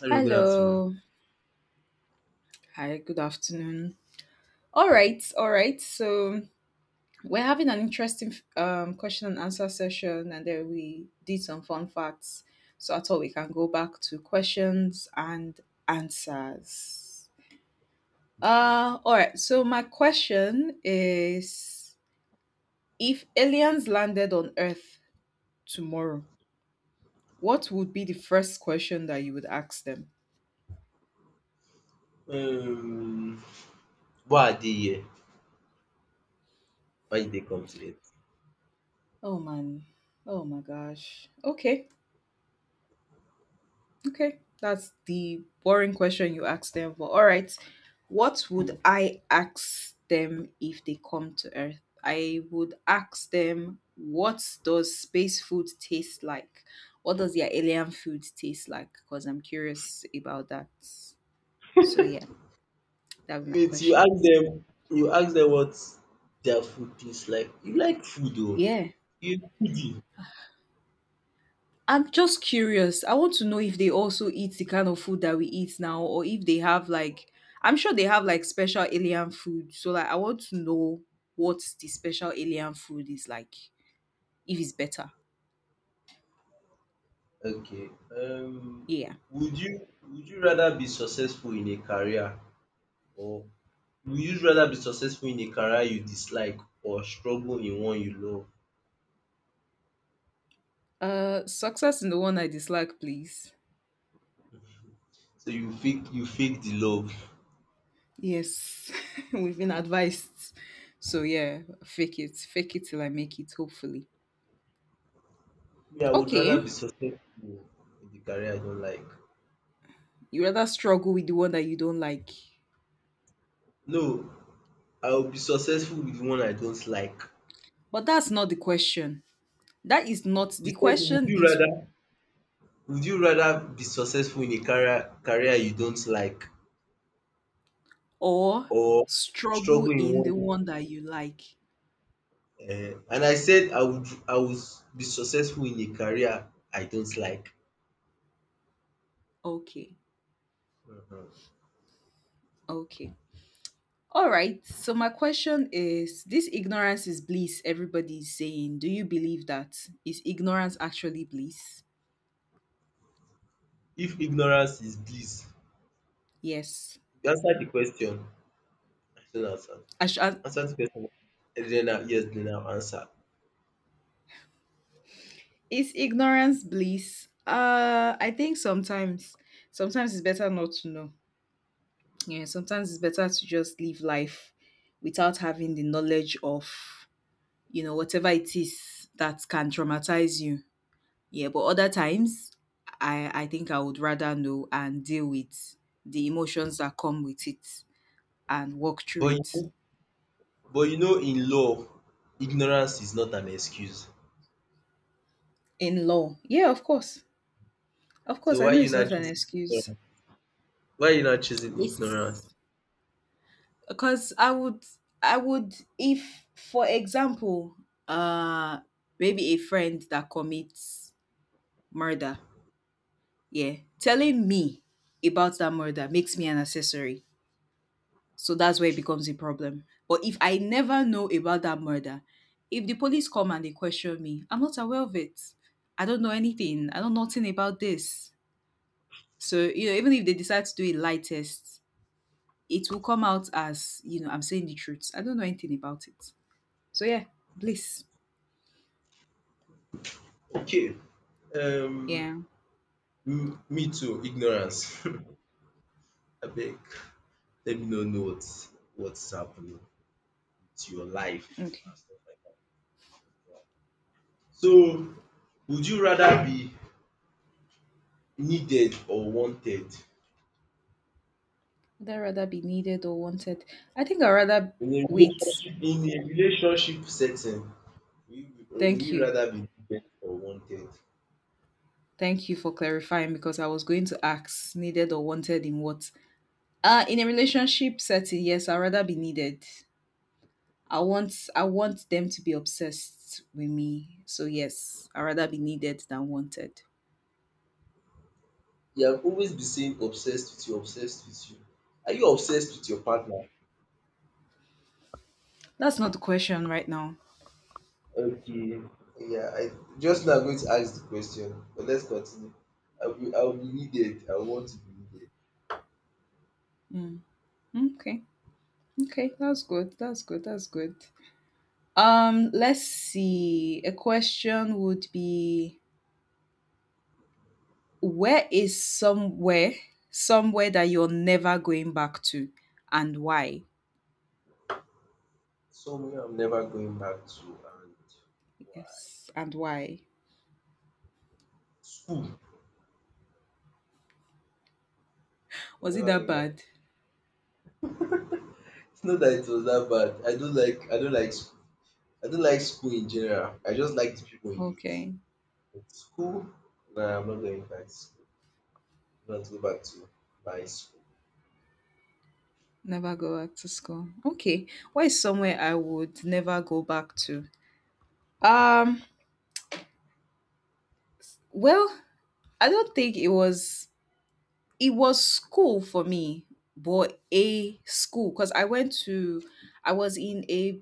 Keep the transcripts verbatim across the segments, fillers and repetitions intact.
Hello, good afternoon. Hello. Hi, good afternoon. All right, all right. So we're having an interesting um, question and answer session, and then we did some fun facts. So I thought we can go back to questions and answers. Okay. Uh, all right. So my question is, if aliens landed on Earth tomorrow, what would be the first question that you would ask them? um why I dey here? Why you dey come to it? Oh man. Oh my gosh. Okay. Okay, that's the boring question you asked them. But all right, what would I ask them if they come to Earth? I would ask them, what does space food taste like? What does their alien food taste like? Because I'm curious about that. So yeah, that would be my Wait, you question. ask them. You ask them what their food taste like? You like food oo. Yeah. You foodie. I'm just curious. I want to know if they also eat the kind of food that we eat now, or if they have like, I'm sure they have like special alien food. So like, I want to know what the special alien food is like, if it's better. Okay. um Yeah. would you would you rather be successful in a career or would you rather be successful in a career you dislike or struggle in one you love? Uh, success in the one I dislike, please. So you fake you fake the love. Yes, we've been advised. So yeah, fake it, fake it till I make it. Hopefully. Me, I would rather Okay, be successful in the career I don't like. you rather struggle with the one that you don't like, No, I will be successful with one I don't like. but that's not the question. That is not the You said would question. you Is rather would you rather be successful in a career career you don't like or or struggle struggle in in the one. one that you like. Um and I said I would I would be successful in a career I don't like. Okay, um okay. All right. So, my question is this ignorance is bliss, everybody is saying. Do you believe that? Is ignorance actually bliss? If ignorance is bliss. Yes. You answered the question. I still not answer. I sh- I- Answer the question. And then I, yes, then I'll answer. is ignorance bliss? Uh, I think sometimes. Sometimes it's better not to know. Yeah, sometimes it's better to just live life without having the knowledge of, you know, whatever it is that can traumatize you. Yeah, but other times I I think I would rather know and deal with the emotions that come with it and work through But you it. know but you know in law ignorance is not an excuse. In law. Yeah, of course. Of course, So I why know you it's not not an choose? excuse. Why are you not choosing ignorance? It's because I would I would, if for example, uh maybe a friend that commits murder, yeah, telling me about that murder makes me an accessory. So that's where it becomes a problem. But if I never know about that murder, if the police come and they question me, I'm not aware of it. I don't know anything. I know nothing about this. So, you know, even if they decide to do a lie test, it will come out as, you know, I'm saying the truth. I don't know anything about it. So yeah, bliss. Okay. Um, Yeah. m- me too. Ignorance. I beg. Let me know know what's what's happening with your life Okay. and stuff like that. So, would you rather be needed or wanted Would I rather be needed or wanted? I think I'd rather in a wait. relationship, in a relationship setting? Will you, will Thank you you. rather be needed or wanted? Thank you for clarifying because I was going to ask needed or wanted in what. Uh, in a relationship setting, yes, I'd rather be needed. I want I want them to be obsessed with me. So yes, I'd rather be needed than wanted. You have always been saying obsessed with you, obsessed with you. Are you obsessed with your partner? That's not the question right now. Okay, yeah, I just now I'm going to ask the question, but let's continue. I will, I will be needed. I want to be needed. Mm. Okay. Okay, that's good. That's good. That's good. Um, let's see. A question would be, where is somewhere somewhere that you're never going back to, and why? Somewhere I'm never going back to, and why? Yes, and why? School. I'm Was it never that going bad? back. It's not that it was that bad. I don't like. I don't like. School. I don't like school in general. I just like the people in it. Okay. But school. Nah, I'm not going back to school. I'm not going back to my school. Never go back to school. Okay. What is somewhere I would never go back to? Um, well, I don't think it was, it was school for me, but a school because I went to I was in a,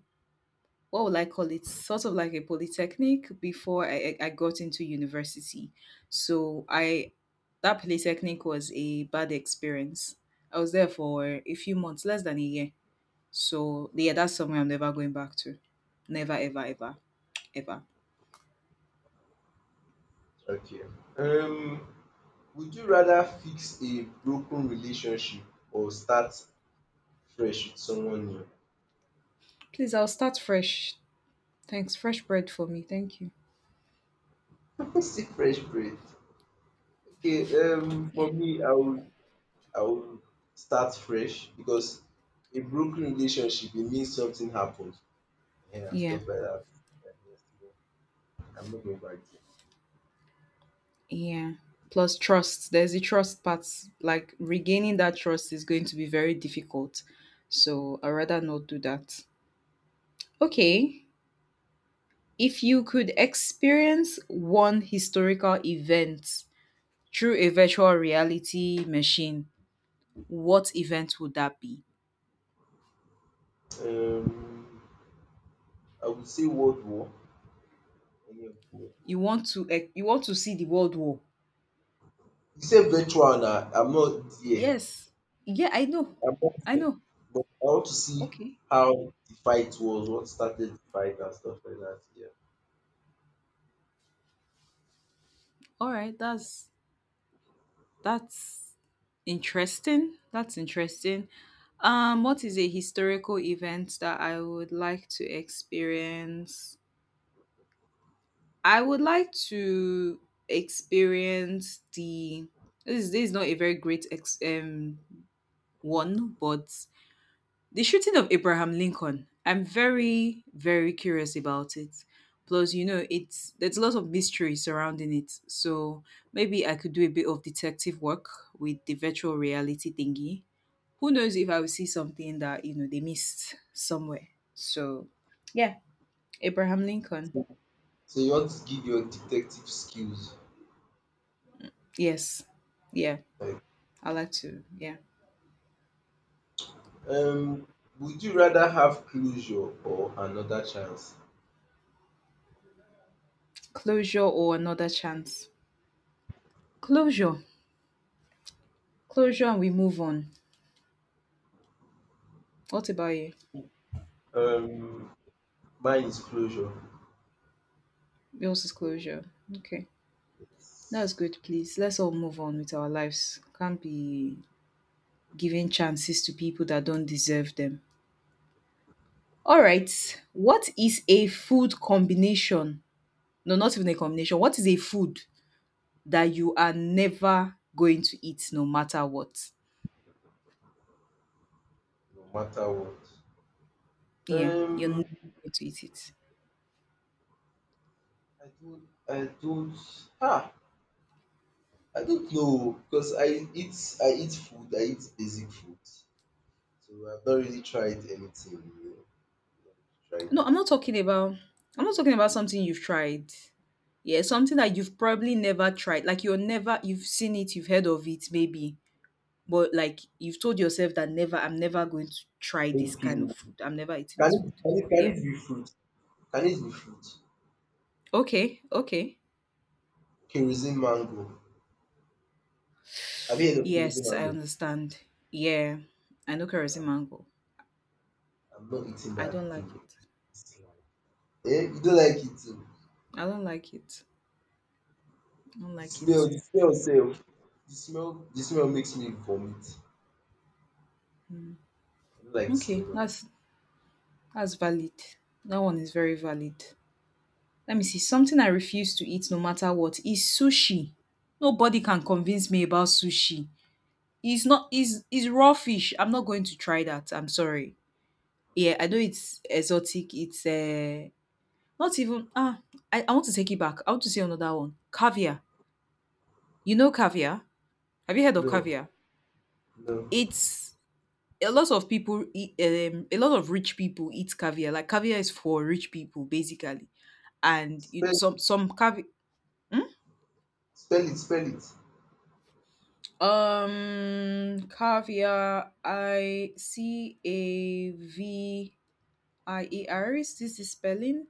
what would I call it, sort of like a polytechnic before I, I I got into university. So I that polytechnic was a bad experience. I was there for a few months, less than a year. So yeah, that's somewhere I'm never going back to. Never, ever, ever, ever. Okay. Um, would you rather fix a broken relationship or start fresh with someone new? Please, I'll start fresh. Thanks. Fresh bread for me. Thank you. See fresh breath. Okay, um, Yeah. for me, I would I would start fresh because a broken relationship, it means something happened. Yeah, Yeah. stuff like that. Yeah, yeah, still, I'm not going back Yeah. Plus trust. There's the trust part. Like regaining that trust is going to be very difficult. So I'd rather not do that. Okay. If you could experience one historical event through a virtual reality machine, what event would that be? there. Um, I would say World War. Any of the World War. You want to, eh, you want to see the World War? You say virtual now. I'm not there. Yes. Yeah, I know. I'm not I there. know. But I want to see Okay. how the fight was, what started the fight and stuff like that. Yeah. All right. That's that's interesting. That's interesting. Um, what is a historical event that I would like to experience? I would like to experience. The this is, this is not a very great ex- um one, but the shooting of Abraham Lincoln, I'm very, very curious about it. Plus, you know, it's there's a lot of mystery surrounding it. So maybe I could do a bit of detective work with the virtual reality thingy. Who knows, if I will see something that, you know, they missed somewhere. So yeah, Abraham Lincoln. So so you want to give your detective skills. Yes. Yeah. Like, I like to, yeah. um, would you rather have closure or another chance? Closure or another chance. Closure. Closure and we move on. What about you? Um, mine is closure. Yours is So closure. Okay. it's That's good, please. Let's all move on with our lives. Can't be giving chances to people that don't deserve them. All right. What is a food combination? No, not even a combination. What is a food that you are never going to eat no matter what? no matter what. Yeah, you're Um, never going to eat it. I don't, I don't, ah, I don't know because I eat, I eat food, I eat basic food, so I've not really tried anything. You know, not really tried. No, I'm not talking about I'm not talking about something you've tried. Yeah, something that you've probably never tried. Like you're never, you've seen it, you've heard of it, maybe. But like you've told yourself that never, I'm never going to try this Okay, kind of food. I'm never eating can this food. it, can it, can Yeah. it be fruit? Can it be fruit? Okay, okay. Kerosene mango. Have you heard of kerosene Yes, I mango? understand. Yeah. I know kerosene mango. I'm not eating I don't that like thing. it. Eh? You don't like it too. I don't like it. I don't The like it. smell, the smell sef. The smell, the smell makes me vomit. I don't like the Okay, smell of it. that's that's valid. That one is very valid. Let me see. Something I refuse to eat no matter what is sushi. Nobody can convince me about sushi. It's not, is is raw fish. I'm not going to try that. I'm sorry. Yeah, I know it's exotic, it's, uh, not even ah, I I want to take it back. I want to say another one. Caviar. You know caviar? Have you heard of No, caviar? no. It's, a lot of people eat, um, a lot of rich people eat caviar. Like caviar is for rich people basically. And Spell it, some it, some caviar spell it, spell it. um, caviar. I C A V I A R. Is this the spelling?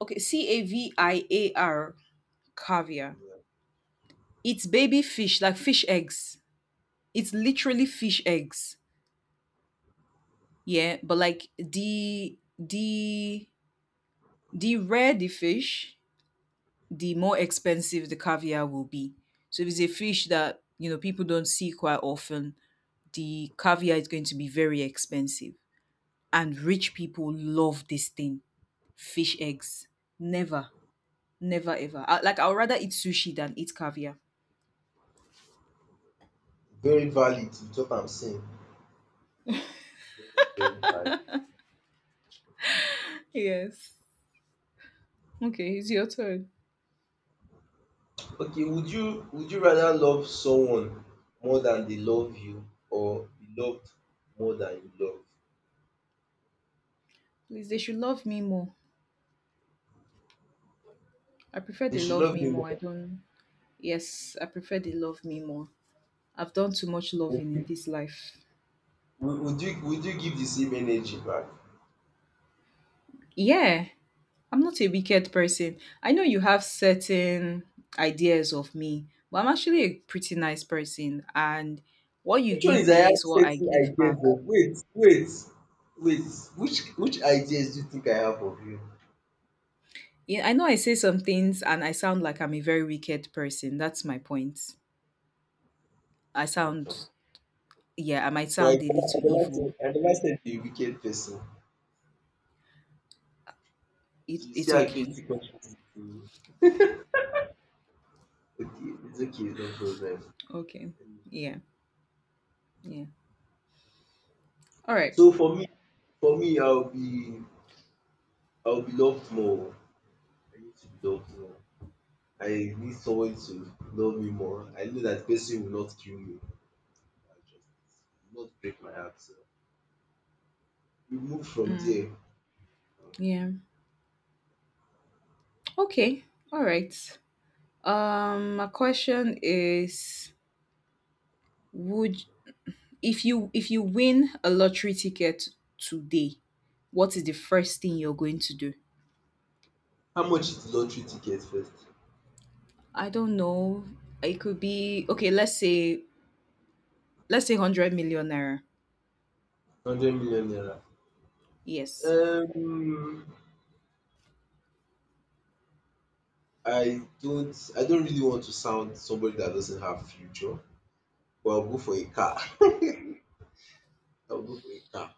Okay, C A V Yeah, I A R. Caviar. yeah. It's baby fish, like fish eggs. It's literally fish eggs. Yeah, but like the the the rare the fish, the more expensive the caviar will be. So if it's a fish that you know people don't see quite often, the caviar is going to be very expensive. And rich people love this thing, fish eggs. Never, never ever. I, like I'd rather eat sushi than eat caviar. Very valid with what I'm saying. Very very valid. Yes. Okay, it's your turn. Okay, would you would you rather love someone more than they love you or be loved more than you love? Please, they should love me more. I prefer They they should love love me you more. more. I don't. Yes, I prefer they love me more. I've done too much Would loving in you this life. would would you would you give the same energy back? Yeah, I'm not a wicked person. I know you have certain ideas of me, but I'm actually a pretty nice person. And what you Which one give is I me have is what I certain give ideas back. of? Wait, wait, wait. Which which ideas do you think I have of you? Yeah, I know I say some things and I sound like I'm a very wicked person. That's my point. I sound, yeah, I might But sound I a never, I little never evil. said I never said you're a wicked person. It, Do you see it's how okay. guilty conscience is? Okay, it's okay, no problem. Okay. Yeah. Yeah. All right. So for me, for me, I'll be I'll be loved more. I need to be loved more. I need someone to love me more. I know that person will not kill me. That's just will not break my heart. So we move from there. Mm. Yeah. Okay. All right. Um my question is, would if you if you win a lottery ticket today, what is the first thing you're going to do? How much is the lottery ticket first? I don't know. It could be, okay, let's say let's say one hundred million naira. one hundred million naira. Yes. Um, I don't I don't really want to sound somebody that doesn't have future, but I'll go for a car. I'll go for a car.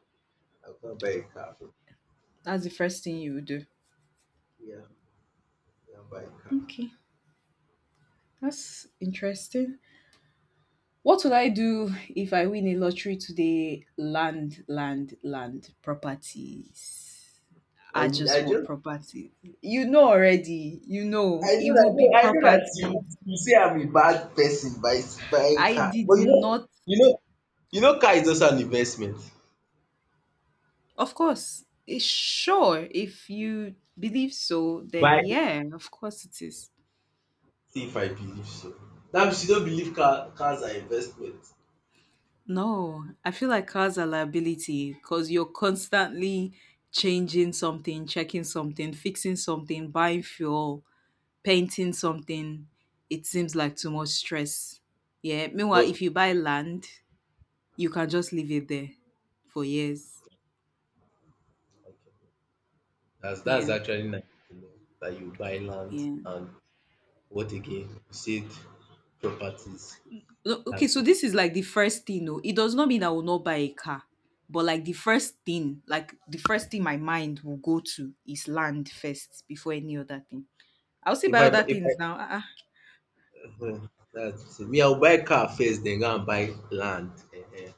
I'll go and buy a car. That's the first thing you would do. Yeah, yeah, I'll buy a car. Okay. That's interesting. What would I do if I win a lottery today? Land, land, land, properties. I I just I want just property. You know already, you I know, it know that, will no, be I know that property. you you say I'm a bad person by s- buying I car. did But you know, not, you know you know car is also an investment. of course, eh, sure, if you believe so, then Buy yeah, of course it is. if I believe so. Now she don't believe car, cars are investment. No, I feel like cars are liability because you're constantly changing something, checking something, fixing something, buying fuel, painting something. It seems like too much stress. Yeah. Meanwhile, But if you buy land, you can just leave it there for years. okay. That's that's Yeah, actually nice to know that you buy land yeah. and what again? You said properties. No, okay, That's so good. this is like the first thing, no. It does not mean I will not buy a car, but like the first thing, like the first thing my mind will go to is land first before any other thing. I'll say If buy I other bu- if I things now. Ah, um that's it. Me, I'll buy car first, then go and buy land. Ehen.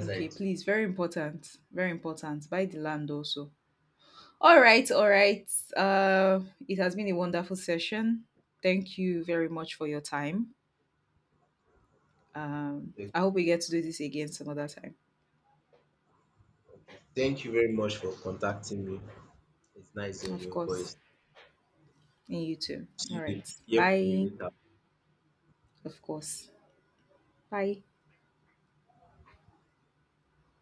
ah. how Okay, it please. will Very important. Very important. Buy the land also. All right, all right. Uh, it has been a wonderful session. Thank you very much for your time. Um, be. Okay. I hope we get to do this again some other time. Okay. Thank you very much for contacting me. It's nice hearing Of your course. voice. And you too. All See you. right. Hear from you Bye. later. Of course. Bye.